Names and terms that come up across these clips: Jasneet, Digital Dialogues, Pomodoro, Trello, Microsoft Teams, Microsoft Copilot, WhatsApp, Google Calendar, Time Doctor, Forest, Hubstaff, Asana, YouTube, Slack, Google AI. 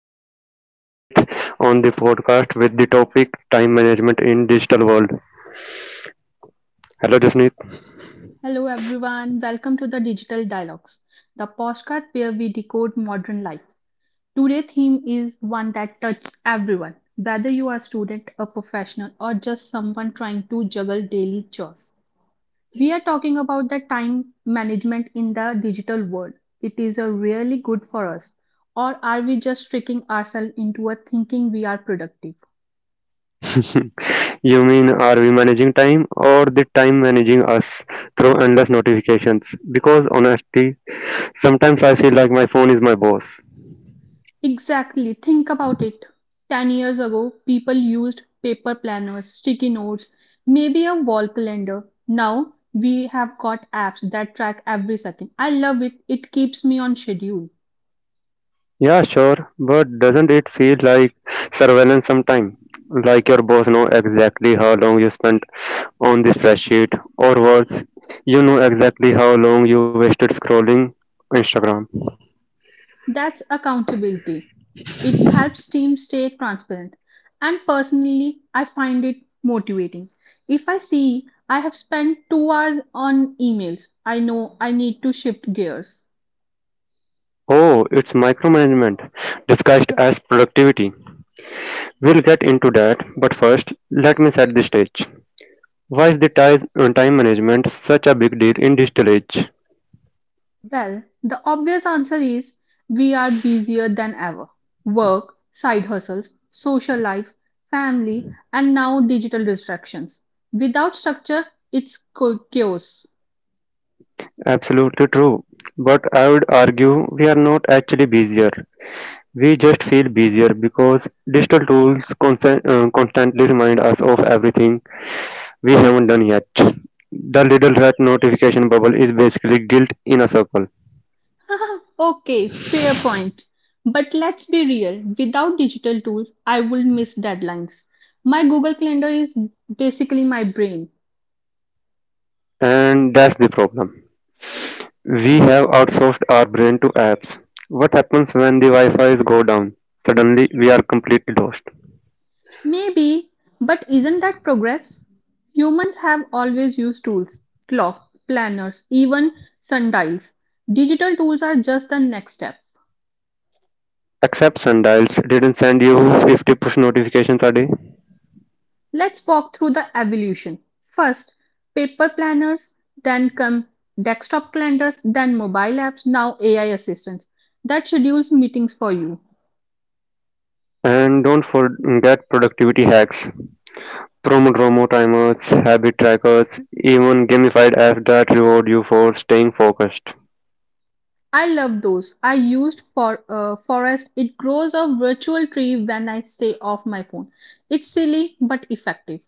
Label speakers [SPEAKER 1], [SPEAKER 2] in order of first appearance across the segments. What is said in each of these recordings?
[SPEAKER 1] Today I am with Jasneet on the podcast with the topic time management in digital world. Hello Jasneet.
[SPEAKER 2] Hello, everyone. Welcome to the Digital Dialogues, the postcard where we decode modern life. Today's theme is one that touches everyone, whether you are a student, a professional, or just someone trying to juggle daily chores. We are talking about the time management in the digital world. It is a really good for us, or are we just tricking ourselves into a thinking we are productive?
[SPEAKER 1] You mean are we managing time or the time managing us through endless notifications? Because honestly, sometimes I feel like my phone is my boss.
[SPEAKER 2] Exactly. Think about it. 10 years ago, people used paper planners, sticky notes, maybe a wall calendar. Now, we have got apps that track every second. I love it. It keeps me on schedule.
[SPEAKER 1] Yeah, sure, but doesn't it feel like surveillance sometime? Like your boss know exactly how long you spent on this spreadsheet, or worse, you know exactly how long you wasted scrolling Instagram.
[SPEAKER 2] That's accountability. It helps teams stay transparent. And personally, I find it motivating. If I see I have spent 2 hours on emails, I know I need to shift gears.
[SPEAKER 1] Oh, it's micromanagement disguised as productivity. We'll get into that, but first, let me set the stage. Why is the ties on time management such a big deal in digital age?
[SPEAKER 2] Well, the obvious answer is we are busier than ever. Work, side hustles, social life, family, and now digital distractions. Without structure, it's chaos.
[SPEAKER 1] Absolutely true, but I would argue we are not actually busier. We just feel busier because digital tools constantly remind us of everything we haven't done yet. The little red notification bubble is basically guilt in a circle,
[SPEAKER 2] Okay, fair point. But let's be real, without digital tools, I will miss deadlines. My Google Calendar is basically my brain.
[SPEAKER 1] and that's the problem. We have outsourced our brain to apps. What happens when the Wi-Fi's go down? Suddenly, we are completely lost.
[SPEAKER 2] Maybe, but isn't that progress? Humans have always used tools, clock, planners, even sundials. Digital tools are just the next step.
[SPEAKER 1] Except Sundials didn't send you 50 push notifications a day.
[SPEAKER 2] Let's walk through the evolution. First, paper planners, then come desktop calendars, then mobile apps, now AI assistants that schedules meetings for you.
[SPEAKER 1] And don't forget productivity hacks. Chrono timers, habit trackers, even gamified apps that reward you for staying focused.
[SPEAKER 2] I love those. I used for forest. It grows a virtual tree when I stay off my phone. It's silly but effective.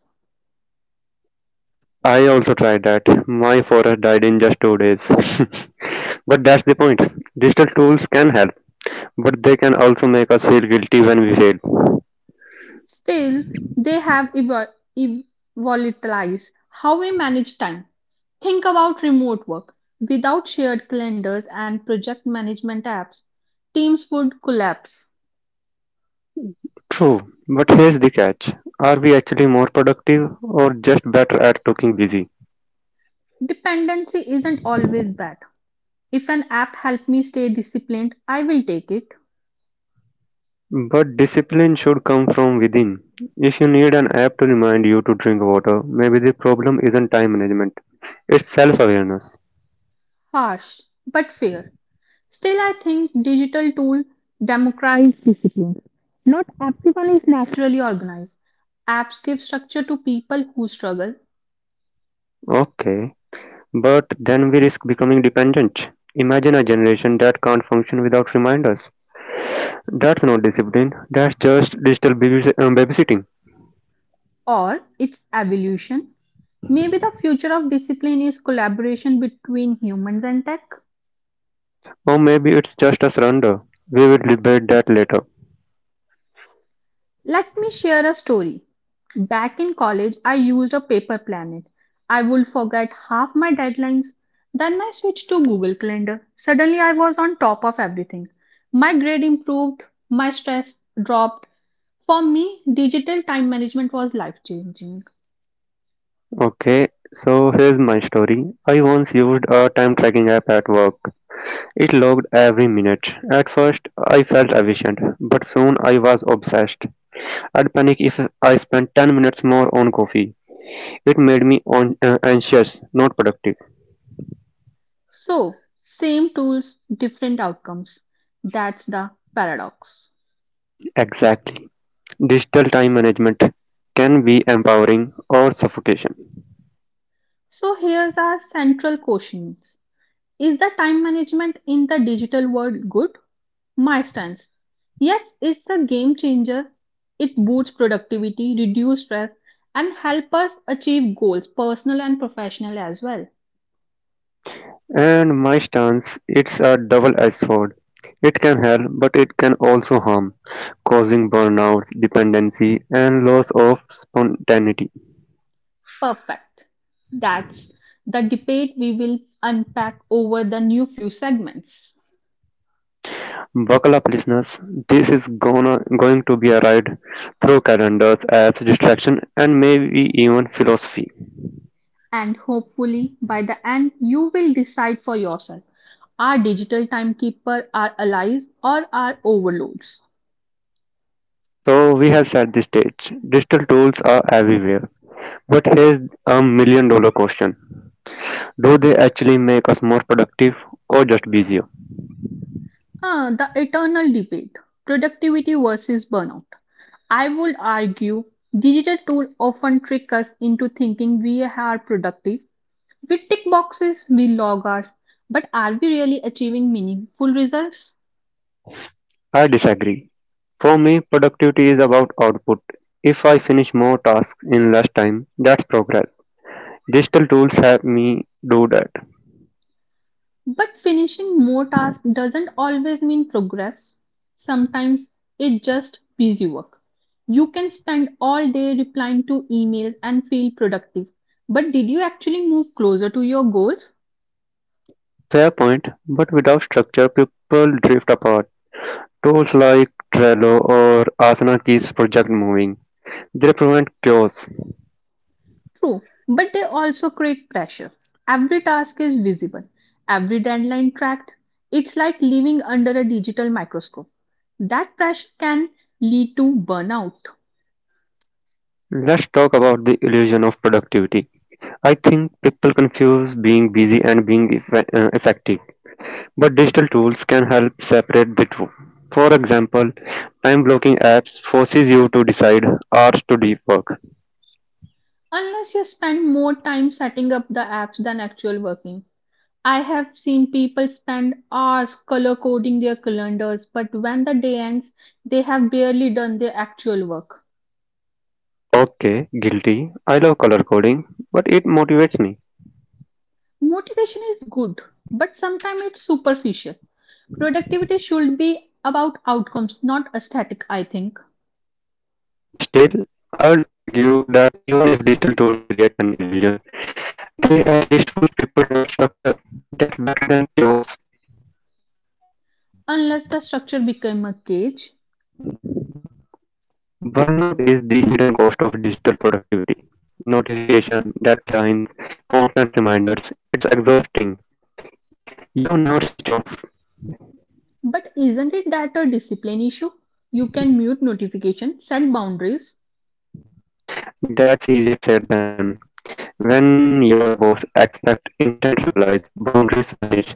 [SPEAKER 1] I also tried that. My forest died in just 2 days. But that's the point. Digital tools can help, but they can also make us feel guilty when we fail.
[SPEAKER 2] Still, they have evolutized how we manage time. Think about remote work. Without shared calendars and project management apps, teams would collapse.
[SPEAKER 1] True, but here's the catch. Are we actually more productive or just better at looking busy?
[SPEAKER 2] Dependency isn't always bad. If an app helped me stay disciplined, I will take it.
[SPEAKER 1] But discipline should come from within. If you need an app to remind you to drink water, maybe the problem isn't time management, it's self awareness.
[SPEAKER 2] Harsh, but fair. Still, I think digital tools democratize discipline. Not everyone is naturally organized. Apps give structure to people who struggle.
[SPEAKER 1] Okay, but then we risk becoming dependent. Imagine a generation that can't function without reminders. That's not discipline, that's just digital babysitting.
[SPEAKER 2] Or its evolution. Maybe the future of discipline is collaboration between humans and tech.
[SPEAKER 1] Or maybe it's just a surrender. We will debate that later.
[SPEAKER 2] Let me share a story. Back in college, I used a paper planet. I would forget half my deadlines. Then I switched to Google Calendar. Suddenly, I was on top of everything. My grade improved, my stress dropped. For me, digital time management was life changing.
[SPEAKER 1] Okay, so here's my story. I once used a time tracking app at work. It logged every minute. At first, I felt efficient, but soon I was obsessed. I'd panic if I spent 10 minutes more on coffee. It made me anxious, not productive.
[SPEAKER 2] So, same tools, different outcomes. That's the paradox.
[SPEAKER 1] Exactly. Digital time management can be empowering or suffocation.
[SPEAKER 2] So here's our central questions. Is the time management in the digital world good? My stance. Yes, it's a game changer. It boosts productivity, reduces stress, and help us achieve goals, personal and professional as well.
[SPEAKER 1] And my stance, it's a double-edged sword. It can help, but it can also harm, causing burnout, dependency, and loss of spontaneity.
[SPEAKER 2] Perfect. That's the debate we will unpack over the new few segments.
[SPEAKER 1] Buckle up listeners, this is gonna going to be a ride through calendars, apps, distraction and maybe even philosophy.
[SPEAKER 2] And hopefully, by the end, you will decide for yourself, are digital timekeeper our allies or our overloads?
[SPEAKER 1] So we have set the stage. Digital tools are everywhere. But here's a million-dollar question. Do they actually make us more productive or just busier?
[SPEAKER 2] Ah, the eternal debate, productivity versus burnout. I would argue digital tools often trick us into thinking we are productive. We tick boxes, we log hours, but are we really achieving meaningful results?
[SPEAKER 1] I disagree. For me, productivity is about output. If I finish more tasks in less time, that's progress. Digital tools help me do that.
[SPEAKER 2] But finishing more tasks doesn't always mean progress. Sometimes it's just busy work. You can spend all day replying to emails and feel productive, but did you actually move closer to your goals?
[SPEAKER 1] Fair point, but without structure, people drift apart. Tools like Trello or Asana keeps project moving. They prevent chaos.
[SPEAKER 2] True, but they also create pressure. Every task is visible, every deadline tracked. It's like living under a digital microscope. That pressure can lead to burnout
[SPEAKER 1] Let's talk about the illusion of productivity. I think people confuse being busy and being effective, but digital tools can help separate the two. For example, time blocking apps forces you to decide hours to deep work.
[SPEAKER 2] unless you spend more time setting up the apps than actual working. I have seen people spend hours color coding their calendars, but when the day ends, they have barely done their actual work.
[SPEAKER 1] Okay, guilty. I love color coding, but it motivates me.
[SPEAKER 2] Motivation is good, but sometimes it's superficial. Productivity should be about outcomes, not aesthetic, I think.
[SPEAKER 1] Still, I would argue that even if digital tools create an illusion, they at least push people towards structure. That's better than chaos.
[SPEAKER 2] Unless the structure became a cage.
[SPEAKER 1] Burnout is the hidden cost of digital productivity. Notification, deadlines, constant reminders, it's exhausting. You never switch off.
[SPEAKER 2] But isn't it that a discipline issue? You can mute notifications, set boundaries.
[SPEAKER 1] That's easier said than done. When your boss expects instant replies, boundaries vanish.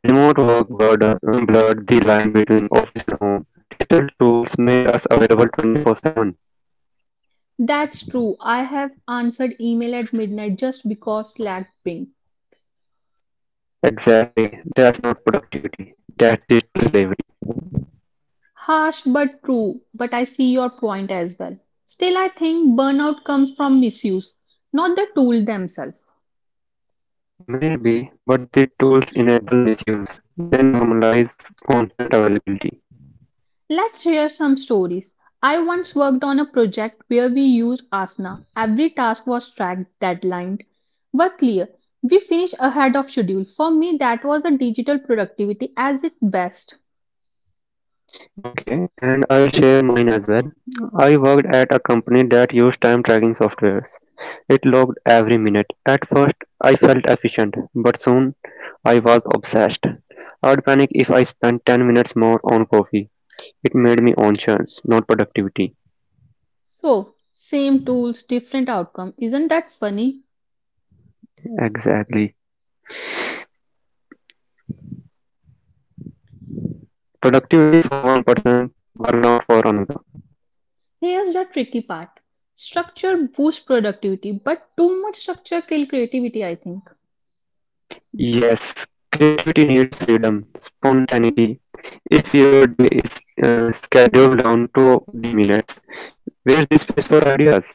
[SPEAKER 1] Remote work blurred the line between office and home. Digital tools made us available 24/7.
[SPEAKER 2] That's true. I have answered email at midnight just because Slack ping.
[SPEAKER 1] Exactly, that's not productivity, that's digital slavery.
[SPEAKER 2] Harsh but true, but I see your point as well. Still, I think burnout comes from misuse, not the tool themselves.
[SPEAKER 1] Maybe, but the tools enable misuse. They normalize constant availability.
[SPEAKER 2] Let's share some stories. I once worked on a project where we used Asana. Every task was tracked, deadlined, but clear. We finished ahead of schedule. For me, that was a digital productivity as its best.
[SPEAKER 1] Okay, and I'll share mine as well. I worked at a company that used time tracking softwares. It logged every minute. At first, I felt efficient, but soon I was obsessed. I'd panic if I spent 10 minutes more on coffee. It made me on not productivity.
[SPEAKER 2] So, same tools, different outcome. Isn't that funny? Here's the tricky part. Structure boosts productivity, but too much structure kills creativity, I think.
[SPEAKER 1] Yes, creativity needs freedom, spontaneity. If your day is scheduled down to the minutes, where's the space for ideas?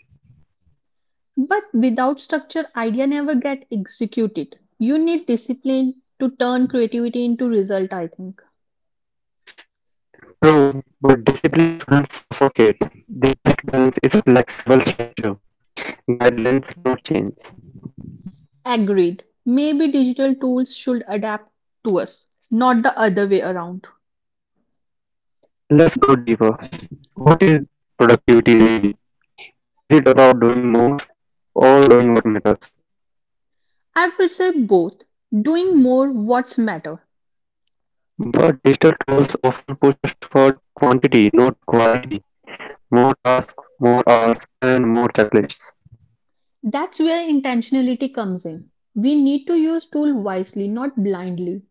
[SPEAKER 2] But without structure, idea never get executed. You need discipline to turn creativity into result, I think.
[SPEAKER 1] Prove, but discipline shouldn't suffocate. The best balance is flexible structure, guidelines, not change.
[SPEAKER 2] Agreed. Maybe digital tools should adapt to us, not the other way around.
[SPEAKER 1] Let's go deeper. What is productivity really? Is it about doing more or doing what matters?
[SPEAKER 2] I would say both. Doing more what's matter.
[SPEAKER 1] But digital tools often push us toward quantity, not quality. More tasks, more hours, and more checklists.
[SPEAKER 2] That's where intentionality comes in. We need to use tool wisely, not blindly.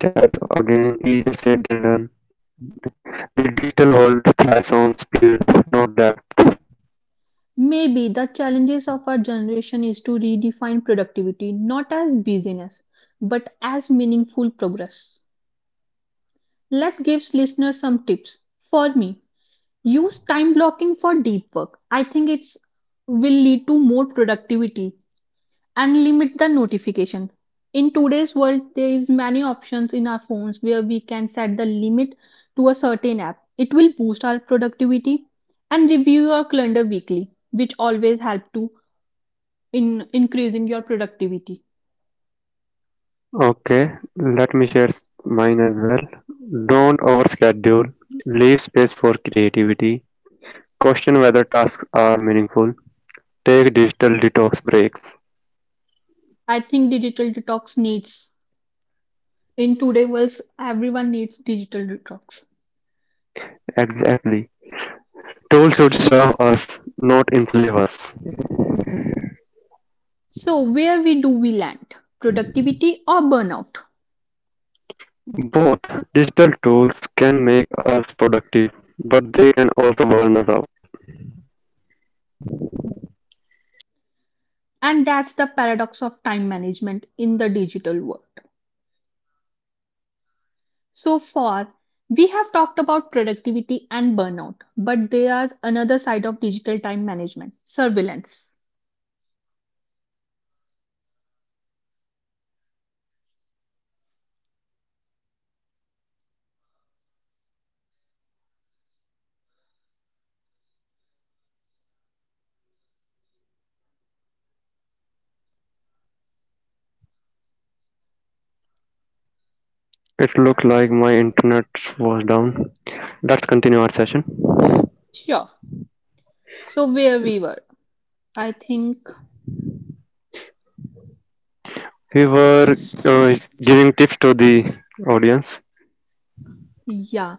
[SPEAKER 1] That's again easier said than done. The digital world thrives on speed, not depth.
[SPEAKER 2] Maybe the challenges of our generation is to redefine productivity not as busyness, but as meaningful progress. Let gives listeners some tips. For me, use time blocking for deep work. I think it's will lead to more productivity and limit the notification. In today's world, there is many options in our phones where we can set the limit to a certain app. It will boost our productivity and review your calendar weekly, which always help to in increasing your productivity.
[SPEAKER 1] Okay, let me share mine as well. Don't overschedule. Leave space for creativity. Question whether tasks are meaningful. Take digital detox breaks.
[SPEAKER 2] I think digital detox needs in today's world everyone needs digital detox.
[SPEAKER 1] Exactly. Tools should serve us, not enslave us.
[SPEAKER 2] So, where we do we land? Productivity or burnout?
[SPEAKER 1] Both.
[SPEAKER 2] And that's the paradox of time management in the digital world. So far, we have talked about productivity and burnout, but there is another side of digital time management surveillance.
[SPEAKER 1] It looked like my internet was down. Let's continue our session.
[SPEAKER 2] Sure. So, where we were, I think,
[SPEAKER 1] We were uh, giving tips to the audience.
[SPEAKER 2] yeah,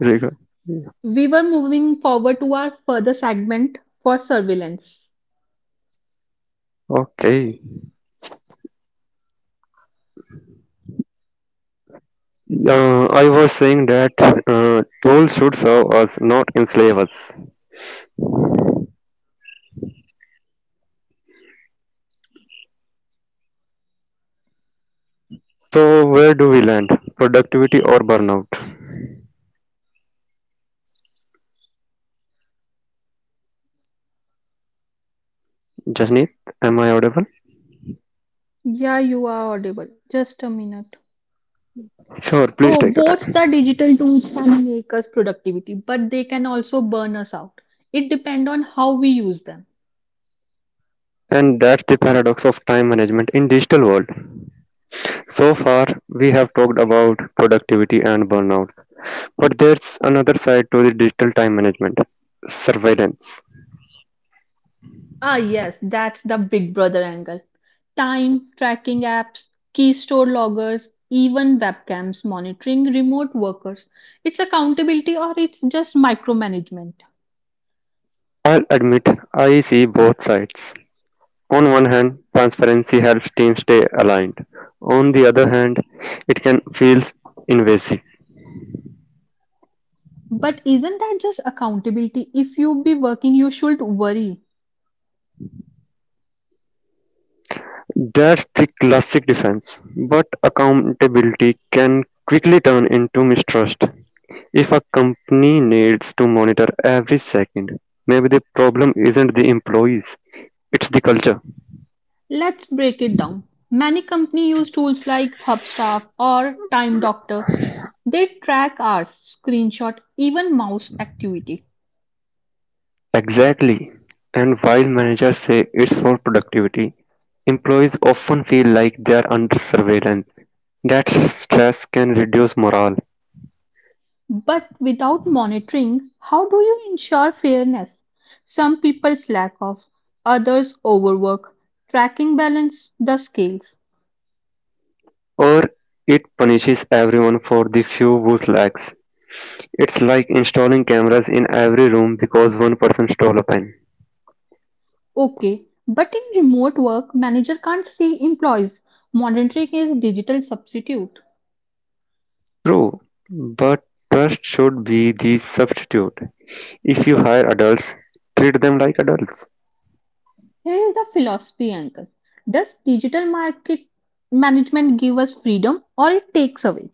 [SPEAKER 2] we were moving forward to our further segment for surveillance.
[SPEAKER 1] Okay. I was saying that tools should serve us, not enslave us. So, where do we land? Productivity or burnout? Jasneet, am I audible?
[SPEAKER 2] Yeah, you are audible. Just a minute.
[SPEAKER 1] Sure, please
[SPEAKER 2] Oh,
[SPEAKER 1] take your
[SPEAKER 2] both the
[SPEAKER 1] time.
[SPEAKER 2] digital tools can make us productivity, but they can also burn us out. It depends on how we use them.
[SPEAKER 1] And that's the paradox of time management in digital world. So far, we have talked about productivity and burnout. But there's another side to the digital time management surveillance.
[SPEAKER 2] Ah, yes, that's the Big Brother angle. Time tracking apps, key store loggers, even webcams monitoring remote workers. It's accountability or it's just micromanagement.
[SPEAKER 1] I'll admit I see both sides. On one hand, transparency helps teams stay aligned. On the other hand, it can feel invasive.
[SPEAKER 2] But isn't that just accountability? If you be working, you should worry.
[SPEAKER 1] That's the classic defense. But accountability can quickly turn into mistrust. If a company needs to monitor every second, maybe the problem isn't the employees, it's the culture.
[SPEAKER 2] Let's break it down. Many companies use tools like Hubstaff or Time Doctor. They track hours, screenshot, even mouse activity.
[SPEAKER 1] Exactly, and while managers say it's for productivity, employees often feel like they're under surveillance. That stress can reduce morale,
[SPEAKER 2] But without monitoring, how do you ensure fairness? Some people slack off, others overwork. Tracking balance the scales.
[SPEAKER 1] or it punishes everyone for the few who slacks. It's like installing cameras in every room because one person stole a pen.
[SPEAKER 2] Okay, but in remote work, manager can't see employees. Monitoring is digital substitute.
[SPEAKER 1] True, but trust should be the substitute. If you hire adults, treat them like adults.
[SPEAKER 2] Here is the philosophy angle. Does digital market management give us freedom or it takes away?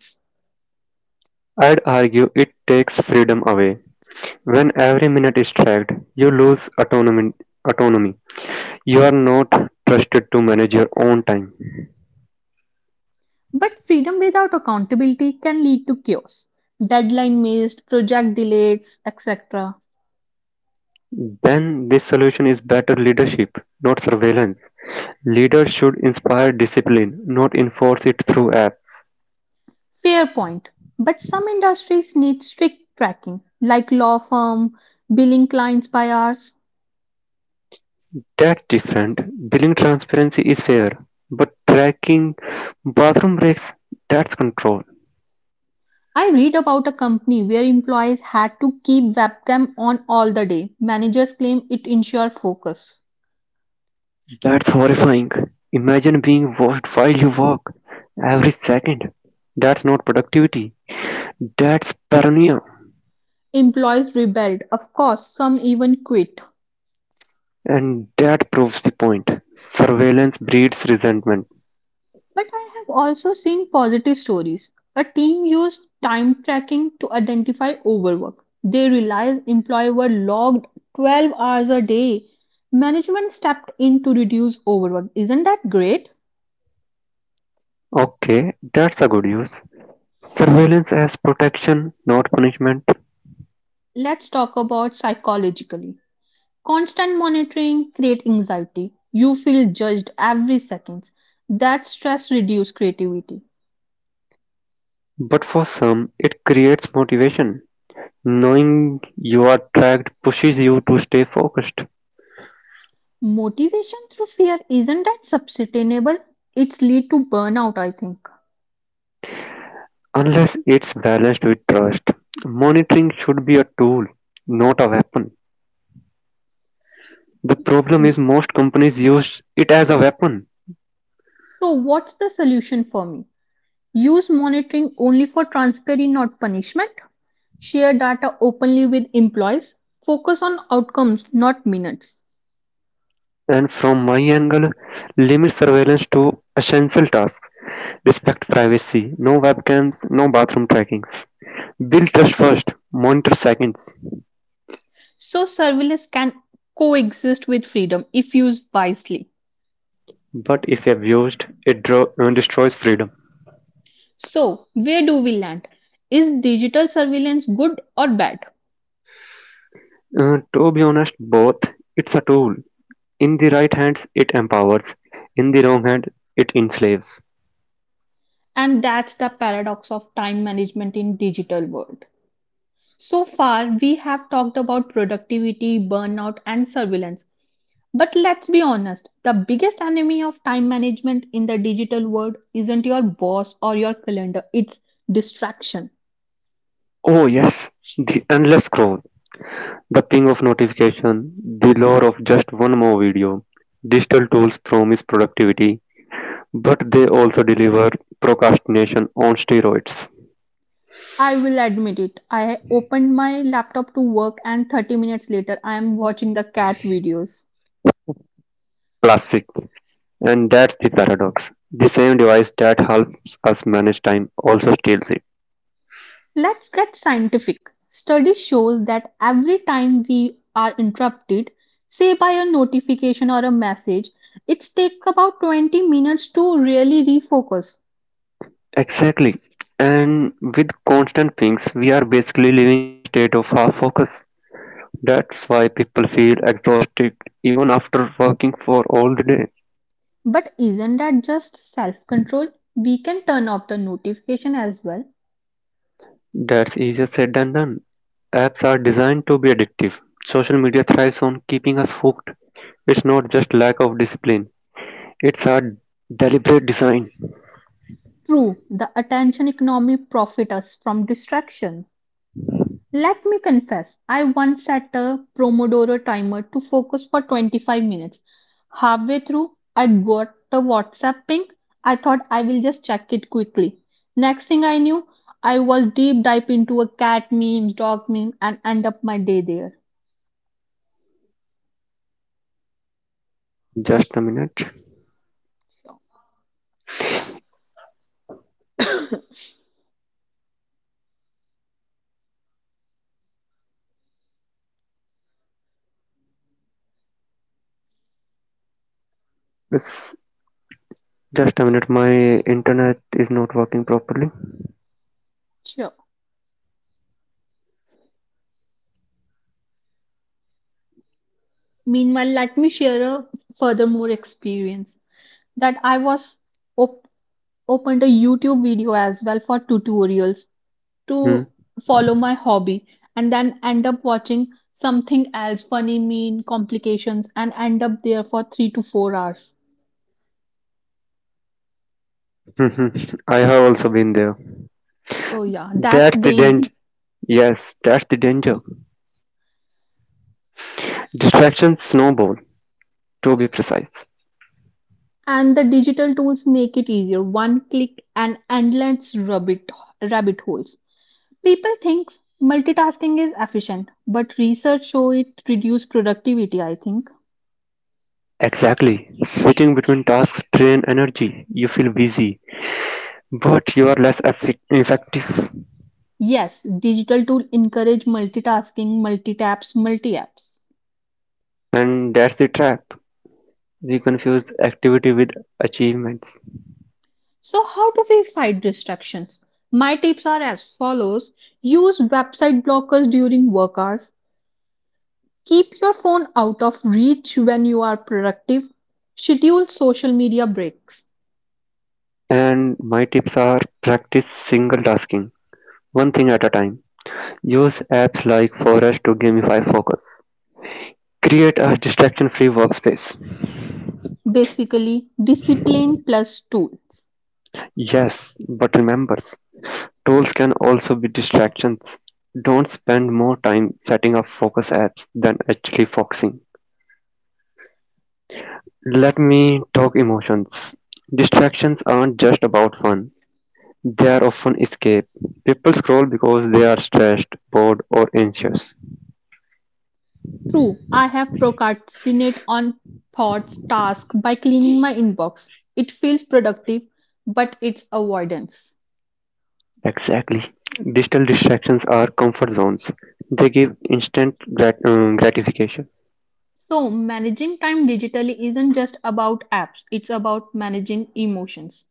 [SPEAKER 1] I'd argue it takes freedom away. When every minute is tracked, you lose autonomy. You are not trusted to manage your own time.
[SPEAKER 2] But freedom without accountability can lead to chaos, deadline missed, project delays, etc.
[SPEAKER 1] Then this solution is better leadership, not surveillance. Leaders should inspire discipline, not enforce it through apps.
[SPEAKER 2] Fair point. But some industries need strict tracking, like law firm billing clients by hours.
[SPEAKER 1] That's different. Billing transparency is fair, but tracking bathroom breaks, that's control.
[SPEAKER 2] I read about a company where employees had to keep webcam on all the day. Managers claim it ensure focus.
[SPEAKER 1] That's horrifying. Imagine being watched while you walk every second. That's not productivity, that's paranoia.
[SPEAKER 2] Employees rebelled, of course, some even quit.
[SPEAKER 1] And that proves the point. Surveillance breeds resentment.
[SPEAKER 2] But I have also seen positive stories. A team used time tracking to identify overwork. They realized employees were logged 12 hours a day. Management stepped in to reduce overwork. Isn't that great?
[SPEAKER 1] Okay, that's a good use. Surveillance as protection, not punishment.
[SPEAKER 2] Let's talk about psychologically. Constant monitoring creates anxiety. You feel judged every second. That stress reduces creativity.
[SPEAKER 1] But for some, it creates motivation. Knowing you are tracked pushes you to stay focused,
[SPEAKER 2] Motivation through fear isn't that sustainable. It's lead to burnout, I think.
[SPEAKER 1] unless it's balanced with trust. Monitoring should be a tool, not a weapon. The problem is most companies use it as a weapon.
[SPEAKER 2] So what's the solution for me? Use monitoring only for transparency, not punishment. Share data openly with employees. Focus on outcomes, not minutes.
[SPEAKER 1] And from my angle, limit surveillance to essential tasks. Respect privacy, no webcams, no bathroom trackings. Build trust first, monitor second.
[SPEAKER 2] So surveillance can coexist with freedom if used wisely.
[SPEAKER 1] But if abused, it destroys freedom.
[SPEAKER 2] So where do we land? Is digital surveillance good or bad?
[SPEAKER 1] To be honest, both. It's a tool. In the right hands, it empowers. In the wrong hand, it enslaves.
[SPEAKER 2] And that's the paradox of time management in digital world. So far, we have talked about productivity, burnout, and surveillance. But let's be honest, the biggest enemy of time management in the digital world isn't your boss or your calendar, it's distraction.
[SPEAKER 1] Oh yes, the endless scroll, the ping of notification, the lure of just one more video. Digital tools promise productivity, but they also deliver procrastination on steroids.
[SPEAKER 2] I will admit it. I opened my laptop to work, and 30 minutes later, I am watching the cat videos.
[SPEAKER 1] Classic. And that's the paradox. The same device that helps us manage time also steals it.
[SPEAKER 2] Let's get scientific. Study shows that every time we are interrupted, say by a notification or a message, it takes about 20 minutes to really refocus.
[SPEAKER 1] Exactly. And with constant pings, we are basically living in a state of half focus. That's why people feel exhausted even after working for all the day.
[SPEAKER 2] But isn't that just self control? We can turn off the notification as well.
[SPEAKER 1] That's easier said than done. Apps are designed to be addictive. Social media thrives on keeping us hooked. It's not just lack of discipline, it's our deliberate design.
[SPEAKER 2] True, the attention economy profits us from distraction. Let me confess, I once set a Pomodoro timer to focus for 25 minutes. Halfway through, I got a WhatsApp ping. I thought I will just check it quickly. Next thing I knew, I was deep dive into a cat meme, dog meme, and end up my day there.
[SPEAKER 1] Just a minute. It's Just a minute, my internet is not working properly.
[SPEAKER 2] Sure. Meanwhile, let me share a furthermore experience that I was op- opened a YouTube video as well for tutorials.
[SPEAKER 1] Hmm.
[SPEAKER 2] To follow my hobby and then end up watching something else funny mean complications and end up there for 3 to 4 hours.
[SPEAKER 1] I have also been there.
[SPEAKER 2] So yeah, that's
[SPEAKER 1] That's the
[SPEAKER 2] danger.
[SPEAKER 1] danger. Yes, that's the danger. Distractions snowball, to be precise.
[SPEAKER 2] And the digital tools make it easier, one click and endless rabbit holes. People think multitasking is efficient, but research show it reduce productivity, I think.
[SPEAKER 1] Exactly. Switching between tasks drain energy. You feel busy, but you are less effective.
[SPEAKER 2] Yes, digital tool encourage multitasking, multi taps, multi apps.
[SPEAKER 1] And that's the trap. We confuse activity with achievements.
[SPEAKER 2] So, how do we fight distractions? My tips are as follows. Use website blockers during work hours, keep your phone out of reach when you are productive, schedule social media breaks.
[SPEAKER 1] And my tips are practice single tasking, one thing at a time. Use apps like Forest to gamify focus. Create a distraction free workspace.
[SPEAKER 2] Basically, discipline plus tools.
[SPEAKER 1] Yes, but remember, tools can also be distractions. Don't spend more time setting up focus apps than actually focusing. Let me talk emotions. Distractions aren't just about fun, they are often escape. People scroll because they are stressed, bored, or anxious.
[SPEAKER 2] True, I have procrastinate on thoughts task by cleaning my inbox. It feels productive, but it's avoidance.
[SPEAKER 1] Exactly. Digital distractions are comfort zones. They give instant gratification.
[SPEAKER 2] So, managing time digitally isn't just about apps, it's about managing emotions.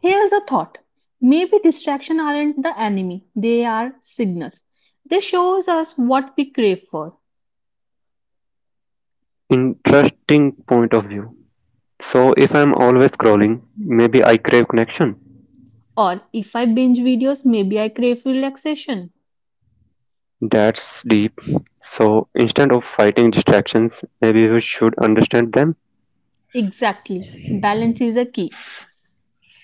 [SPEAKER 2] Here's a thought. Maybe distractions aren't the enemy, they are signals. They shows us what we crave for.
[SPEAKER 1] Interesting point of view. So, if I'm always scrolling, maybe I crave connection.
[SPEAKER 2] Or if I binge videos, maybe I crave relaxation.
[SPEAKER 1] That's deep. So, instead of fighting distractions, maybe we should understand them.
[SPEAKER 2] Exactly. Balance is a key.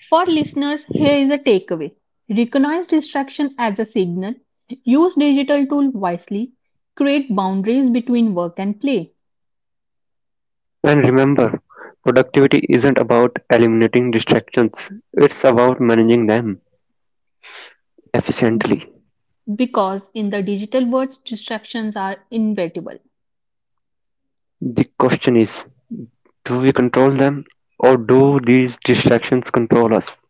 [SPEAKER 2] For listeners, here is a takeaway. Recognize distraction as a signal. Use digital tool wisely. Create boundaries between work and play.
[SPEAKER 1] And remember, productivity isn't about eliminating distractions, it's about managing them efficiently.
[SPEAKER 2] Because in the digital world, distractions are inevitable.
[SPEAKER 1] The question is, do we control them or do these distractions control us?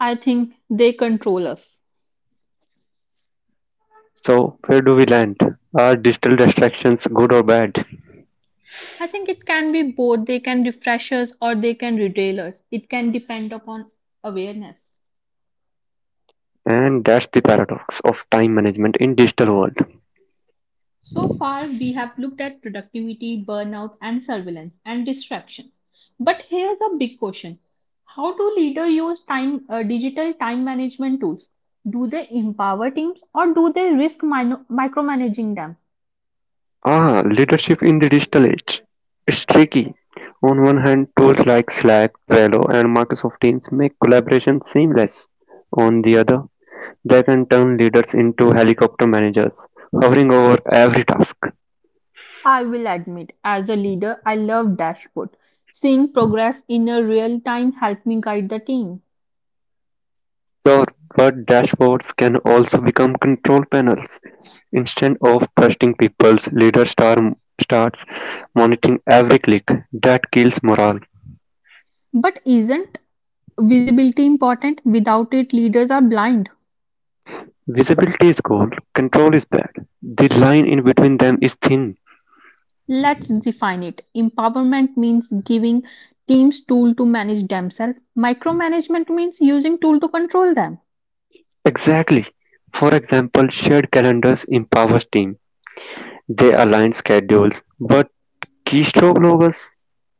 [SPEAKER 2] I think they control us.
[SPEAKER 1] So, where do we land? Are digital distractions good or bad?
[SPEAKER 2] I think it can be both. They can refresh us or they can retail us. It can depend upon awareness.
[SPEAKER 1] And that's the paradox of time management in digital world.
[SPEAKER 2] So far, we have looked at productivity, burnout, and surveillance and distractions. But here's a big question: how do leaders use time, digital time management tools? Do they empower teams or do they risk micromanaging them?
[SPEAKER 1] Ah, leadership in the digital age. It's tricky. On one hand, tools like Slack, Trello, and Microsoft Teams make collaboration seamless. On the other, they can turn leaders into helicopter managers, hovering over every task.
[SPEAKER 2] I will admit, as a leader, I love dashboard. Seeing progress in a real time help me guide the team.
[SPEAKER 1] Server dashboards can also become control panels; instead of trusting people, leaders starts monitoring every click. That kills morale.
[SPEAKER 2] But isn't visibility important? Without it, leaders are blind.
[SPEAKER 1] Visibility is gold, control is bad. The line in between them is thin.
[SPEAKER 2] Let's define it. Empowerment means giving teams tool to manage themselves. Micromanagement means using tool to control them.
[SPEAKER 1] Exactly. For example, shared calendars empowers team. They align schedules, but keystroke novels,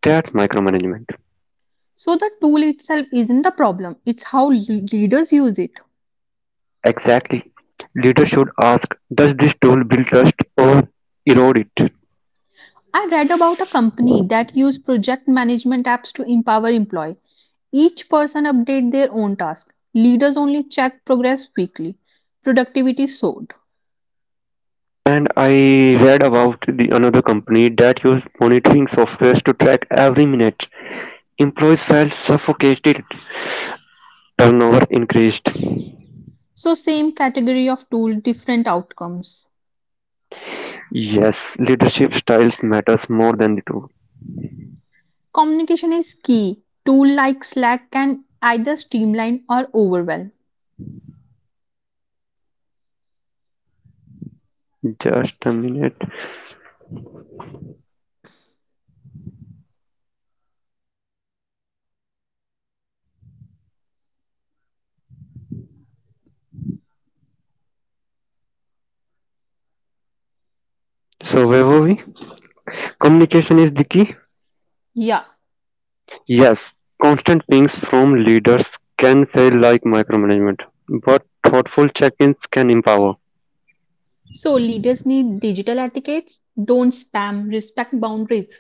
[SPEAKER 1] that's micromanagement.
[SPEAKER 2] So the tool itself isn't the problem. It's how leaders use it.
[SPEAKER 1] Exactly. Leaders should ask, does this tool build trust or erode it?
[SPEAKER 2] I read about a company that used project management apps to empower employee. Each person update their own task. Leaders only check progress weekly. Productivity soared.
[SPEAKER 1] And I read about the another company that used monitoring softwares to track every minute. Employees felt suffocated, turnover increased.
[SPEAKER 2] So same category of tool, different outcomes.
[SPEAKER 1] Yes, leadership styles matters more than the tool.
[SPEAKER 2] Communication is key. Tool like Slack can either streamline or overwhelm.
[SPEAKER 1] Just a minute. So where were we? Communication is the key.
[SPEAKER 2] Yeah.
[SPEAKER 1] Yes, constant pings from leaders can feel like micromanagement, but thoughtful check-ins can empower.
[SPEAKER 2] So leaders need digital etiquettes. Don't spam, respect boundaries.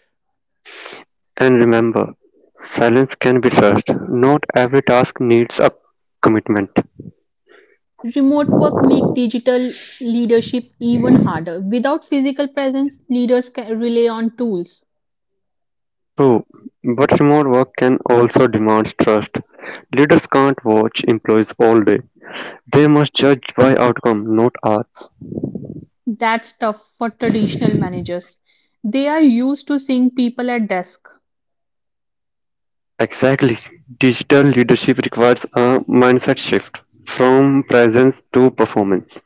[SPEAKER 1] And remember, silence can be trust. Not every task needs a commitment.
[SPEAKER 2] Remote work make digital leadership even harder. Without physical presence, leaders can rely on tools.
[SPEAKER 1] True, but remote work can also demand trust. Leaders can't watch employees all day. They must judge by outcome, not arts.
[SPEAKER 2] That's tough for traditional managers. They are used to seeing people at desk.
[SPEAKER 1] Exactly. Digital leadership requires a mindset shift from presence to performance.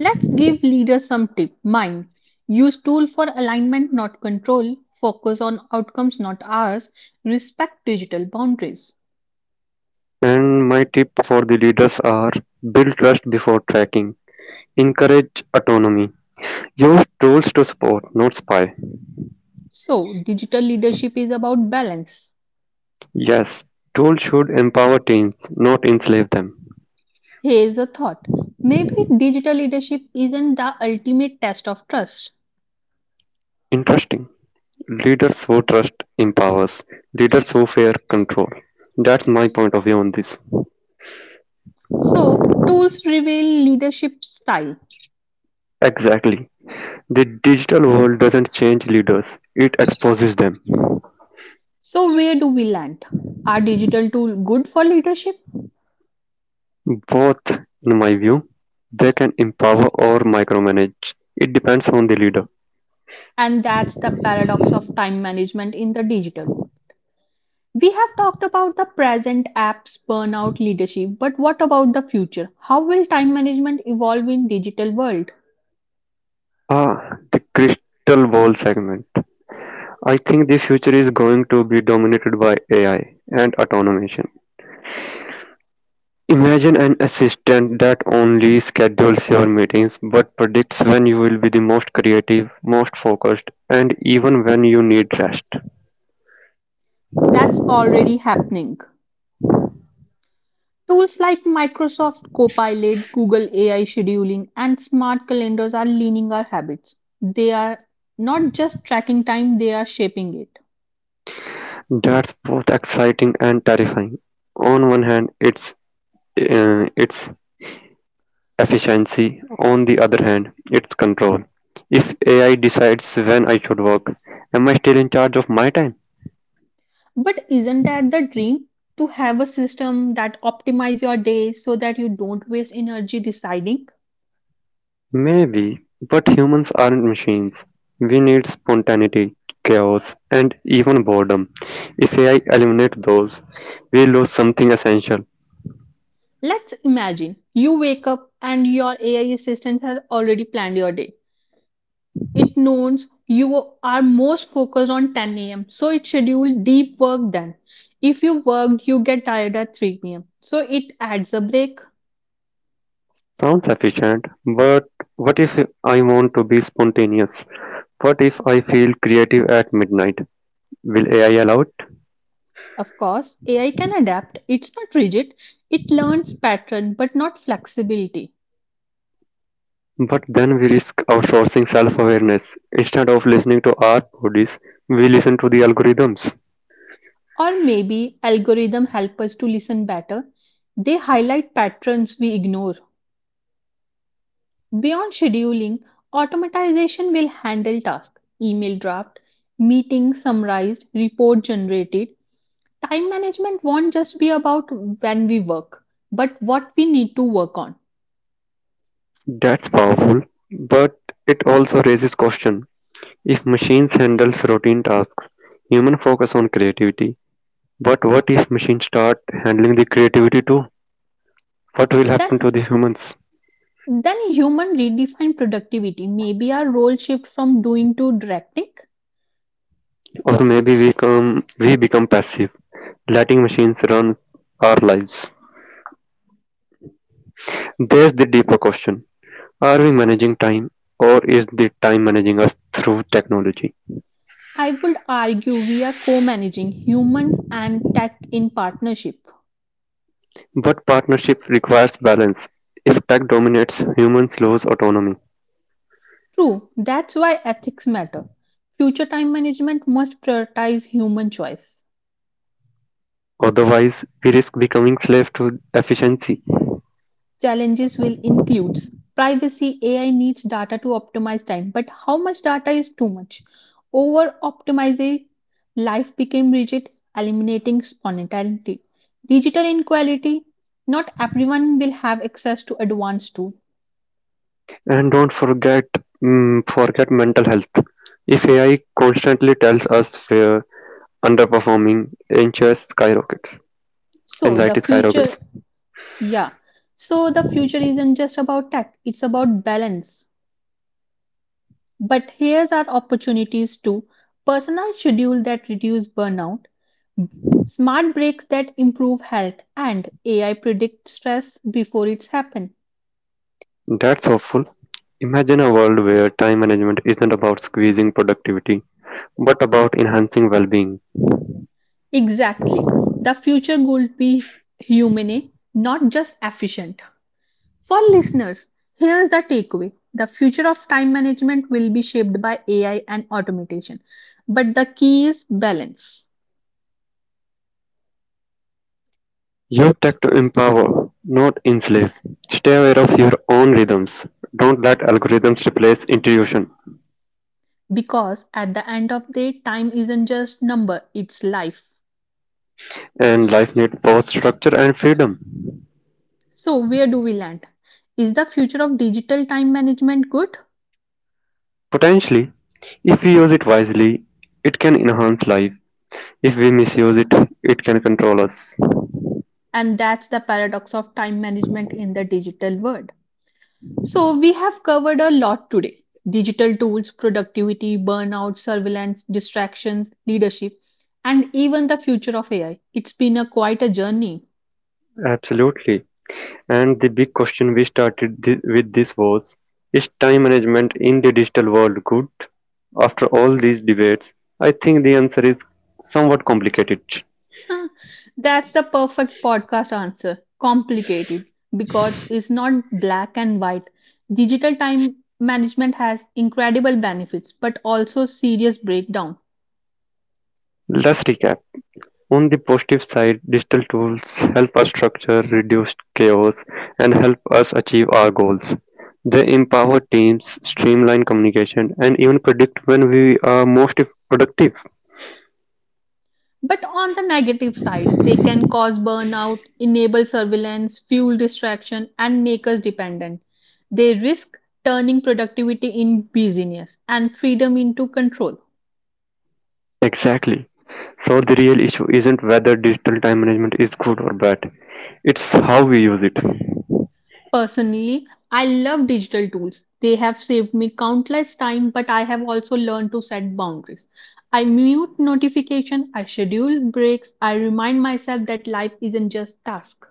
[SPEAKER 2] Let's give leaders some tip. Mind, use tool for alignment not control, focus on outcomes not hours, respect digital boundaries.
[SPEAKER 1] And my tip for the leaders are build trust before tracking. Encourage autonomy. Use tools to support, not spy.
[SPEAKER 2] So, digital leadership is about balance.
[SPEAKER 1] Yes, tools should empower teens, not enslave them.
[SPEAKER 2] Here's a thought. Maybe digital leadership isn't the ultimate test of trust.
[SPEAKER 1] Interesting. Leaders who trust empowers, leaders who fear control. That's my point of view on this.
[SPEAKER 2] So, tools reveal leadership style.
[SPEAKER 1] Exactly. The digital world doesn't change leaders, it exposes them.
[SPEAKER 2] So, where do we land? Are digital tools good for leadership?
[SPEAKER 1] Both, in my view, they can empower or micromanage. It depends on the leader.
[SPEAKER 2] And that's the paradox of time management in the digital world. We have talked about the present apps, burnout, leadership, but what about the future? How will time management evolve in digital world?
[SPEAKER 1] Ah, the crystal ball segment. I think the future is going to be dominated by AI and automation. Imagine an assistant that only schedules your meetings, but predicts when you will be the most creative, most focused, and even when you need rest.
[SPEAKER 2] That's already happening. Tools like Microsoft Copilot, Google AI scheduling, and smart calendars are leaning our habits. They are not just tracking time, they are shaping it.
[SPEAKER 1] That's both exciting and terrifying. On one hand, it's it's efficiency. On the other hand, it's control. If AI decides when I should work, am I still in charge of my time?
[SPEAKER 2] But isn't that the dream? To have a system that optimizes your day so that you don't waste energy deciding.
[SPEAKER 1] Maybe, but humans aren't machines. We need spontaneity, chaos, and even boredom. If AI eliminates those, we lose something essential.
[SPEAKER 2] Let's imagine you wake up and your AI assistant has already planned your day. It knows you are most focused on 10 a.m., so it scheduled deep work done. If you worked, you get tired at 3 p.m., so it adds a break.
[SPEAKER 1] Sounds efficient, but what if I want to be spontaneous? What if I feel creative at midnight? Will AI allow it?
[SPEAKER 2] Of course, AI can adapt. It's not rigid. It learns pattern but not flexibility.
[SPEAKER 1] But then we risk outsourcing self awareness. Instead of listening to our bodies, we listen to the algorithms.
[SPEAKER 2] Or maybe algorithm help us to listen better. They highlight patterns we ignore. Beyond scheduling, automatization will handle tasks, email draft, meeting summarized, report generated. Time management won't just be about when we work, but what we need to work on.
[SPEAKER 1] That's powerful, but it also raises question. If machines handle routine tasks, humans focus on creativity. But what if machines start handling the creativity too? What will
[SPEAKER 2] Then,
[SPEAKER 1] happen to the humans?
[SPEAKER 2] then human redefine productivity. Maybe our role shift from doing to directing.
[SPEAKER 1] Or maybe we become passive, letting machines run our lives. There's the deeper question. Are we managing time or is the time managing us through technology?
[SPEAKER 2] I would argue we are co-managing humans and tech in partnership.
[SPEAKER 1] But partnership requires balance. If tech dominates, humans lose autonomy.
[SPEAKER 2] True, that's why ethics matter. Future time management must prioritize human choice.
[SPEAKER 1] Otherwise, we risk becoming slaves to efficiency.
[SPEAKER 2] Challenges will include privacy. AI needs data to optimize time, but how much data is too much? Over optimizing life became rigid, eliminating spontaneity. Digital inequality: not everyone will have access to advanced tools.
[SPEAKER 1] And don't forget forget mental health. If AI constantly tells us we're underperforming, anxious skyrockets,
[SPEAKER 2] So the
[SPEAKER 1] anxiety
[SPEAKER 2] future,
[SPEAKER 1] skyrockets.
[SPEAKER 2] yeah, so the future isn't just about tech, it's about balance. But here's our opportunities to personal schedule that reduce burnout, smart breaks that improve health, and AI predict stress before it's happened.
[SPEAKER 1] That's awful. Imagine a world where time management isn't about squeezing productivity, but about enhancing well-being.
[SPEAKER 2] Exactly. The future would be humane, not just efficient. For listeners, here's the takeaway. The future of time management will be shaped by AI and automation. But the key is balance.
[SPEAKER 1] Use tech to empower, not enslave. Stay aware of your own rhythms. Don't let algorithms replace intuition.
[SPEAKER 2] Because at the end of the day, time isn't just number, it's life.
[SPEAKER 1] And life needs both structure and freedom.
[SPEAKER 2] So where do we land? Is the future of digital time management good?
[SPEAKER 1] Potentially, if we use it wisely, it can enhance life. If we misuse it, it can control us.
[SPEAKER 2] And that's the paradox of time management in the digital world. So, we have covered a lot today: digital tools, productivity, burnout, surveillance, distractions, leadership, and even the future of AI. It's been a quite a journey.
[SPEAKER 1] Absolutely. And the big question we started with this was, is time management in the digital world good? After all these debates, I think the answer is somewhat complicated.
[SPEAKER 2] Huh, that's the perfect podcast answer. Complicated, because it's not black and white. Digital time management has incredible benefits but also serious breakdown.
[SPEAKER 1] Let's recap. On the positive side, digital tools help us structure, reduce chaos, and help us achieve our goals. They empower teams, streamline communication, and even predict when we are most productive.
[SPEAKER 2] But on the negative side, they can cause burnout, enable surveillance, fuel distraction, and make us dependent. They risk turning productivity in busyness and freedom into control.
[SPEAKER 1] Exactly. So the real issue isn't whether digital time management is good or bad. It's how we use it.
[SPEAKER 2] Personally, I love digital tools. They have saved me countless time, but I have also learned to set boundaries. I mute notifications, I schedule breaks, I remind myself that life isn't just tasks.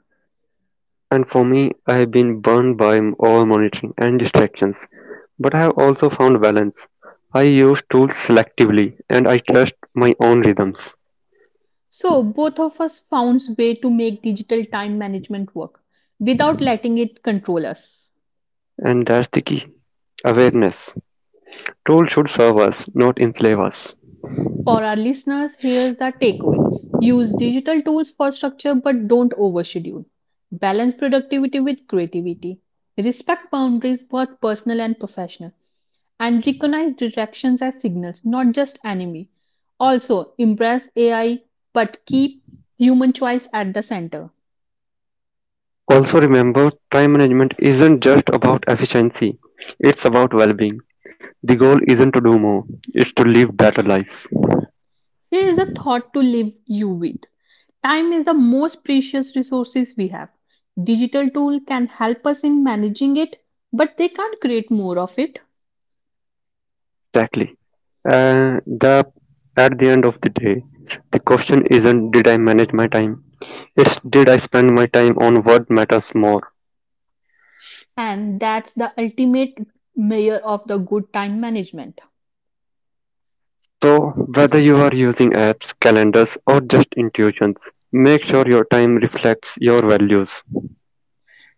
[SPEAKER 1] And for me, I have been burned by over monitoring and distractions, but I have also found balance. I use tools selectively and I trust my own rhythms.
[SPEAKER 2] So, both of us found ways to make digital time management work without letting it control us.
[SPEAKER 1] And that's the key awareness. Tools should serve us, not enslave us.
[SPEAKER 2] For our listeners, here's the takeaway: use digital tools for structure but don't overschedule. Balance productivity with creativity. Respect boundaries, both personal and professional, and recognize distractions as signals, not just enemy. Also, embrace AI but keep human choice at the center.
[SPEAKER 1] Also, remember time management isn't just about efficiency, it's about well being. The goal isn't to do more, it's to live better life.
[SPEAKER 2] Here is a thought to leave you with. Time is the most precious resources we have. Digital tool can help us in managing it, but they can't create more of it.
[SPEAKER 1] Exactly. The At the end of the day, the question isn't did I manage my time? It's did I spend my time on what matters more?
[SPEAKER 2] And that's the ultimate measure of the good time management.
[SPEAKER 1] So whether you are using apps, calendars or just intuitions, make sure your time reflects your values.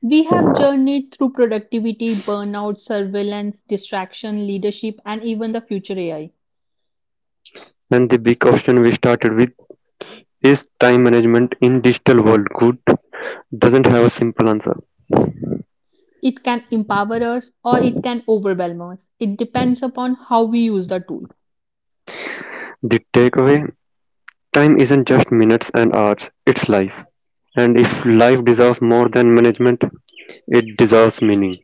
[SPEAKER 2] We have journeyed through productivity, burnout, surveillance, distraction, leadership, and even the future AI.
[SPEAKER 1] And the big question we started with, is time management in digital world good? Doesn't have a simple answer.
[SPEAKER 2] It can empower us or it can overwhelm us. It depends upon how we use the tool.
[SPEAKER 1] The takeaway, time isn't just minutes and hours, it's life. And if life deserves more than management, it deserves meaning.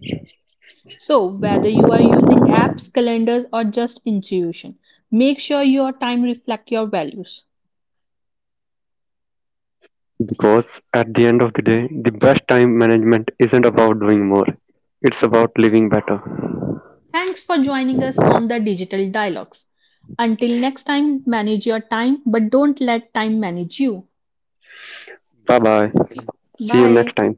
[SPEAKER 2] So, whether you are using apps, calendars, or just intuition, make sure your time reflects your values.
[SPEAKER 1] Because at the end of the day, the best time management isn't about doing more, it's about living better.
[SPEAKER 2] Thanks for joining us on the Digital Dialogues. Until next time, manage your time, but don't let time manage you.
[SPEAKER 1] Bye bye. See you next
[SPEAKER 2] Bye.
[SPEAKER 1] time.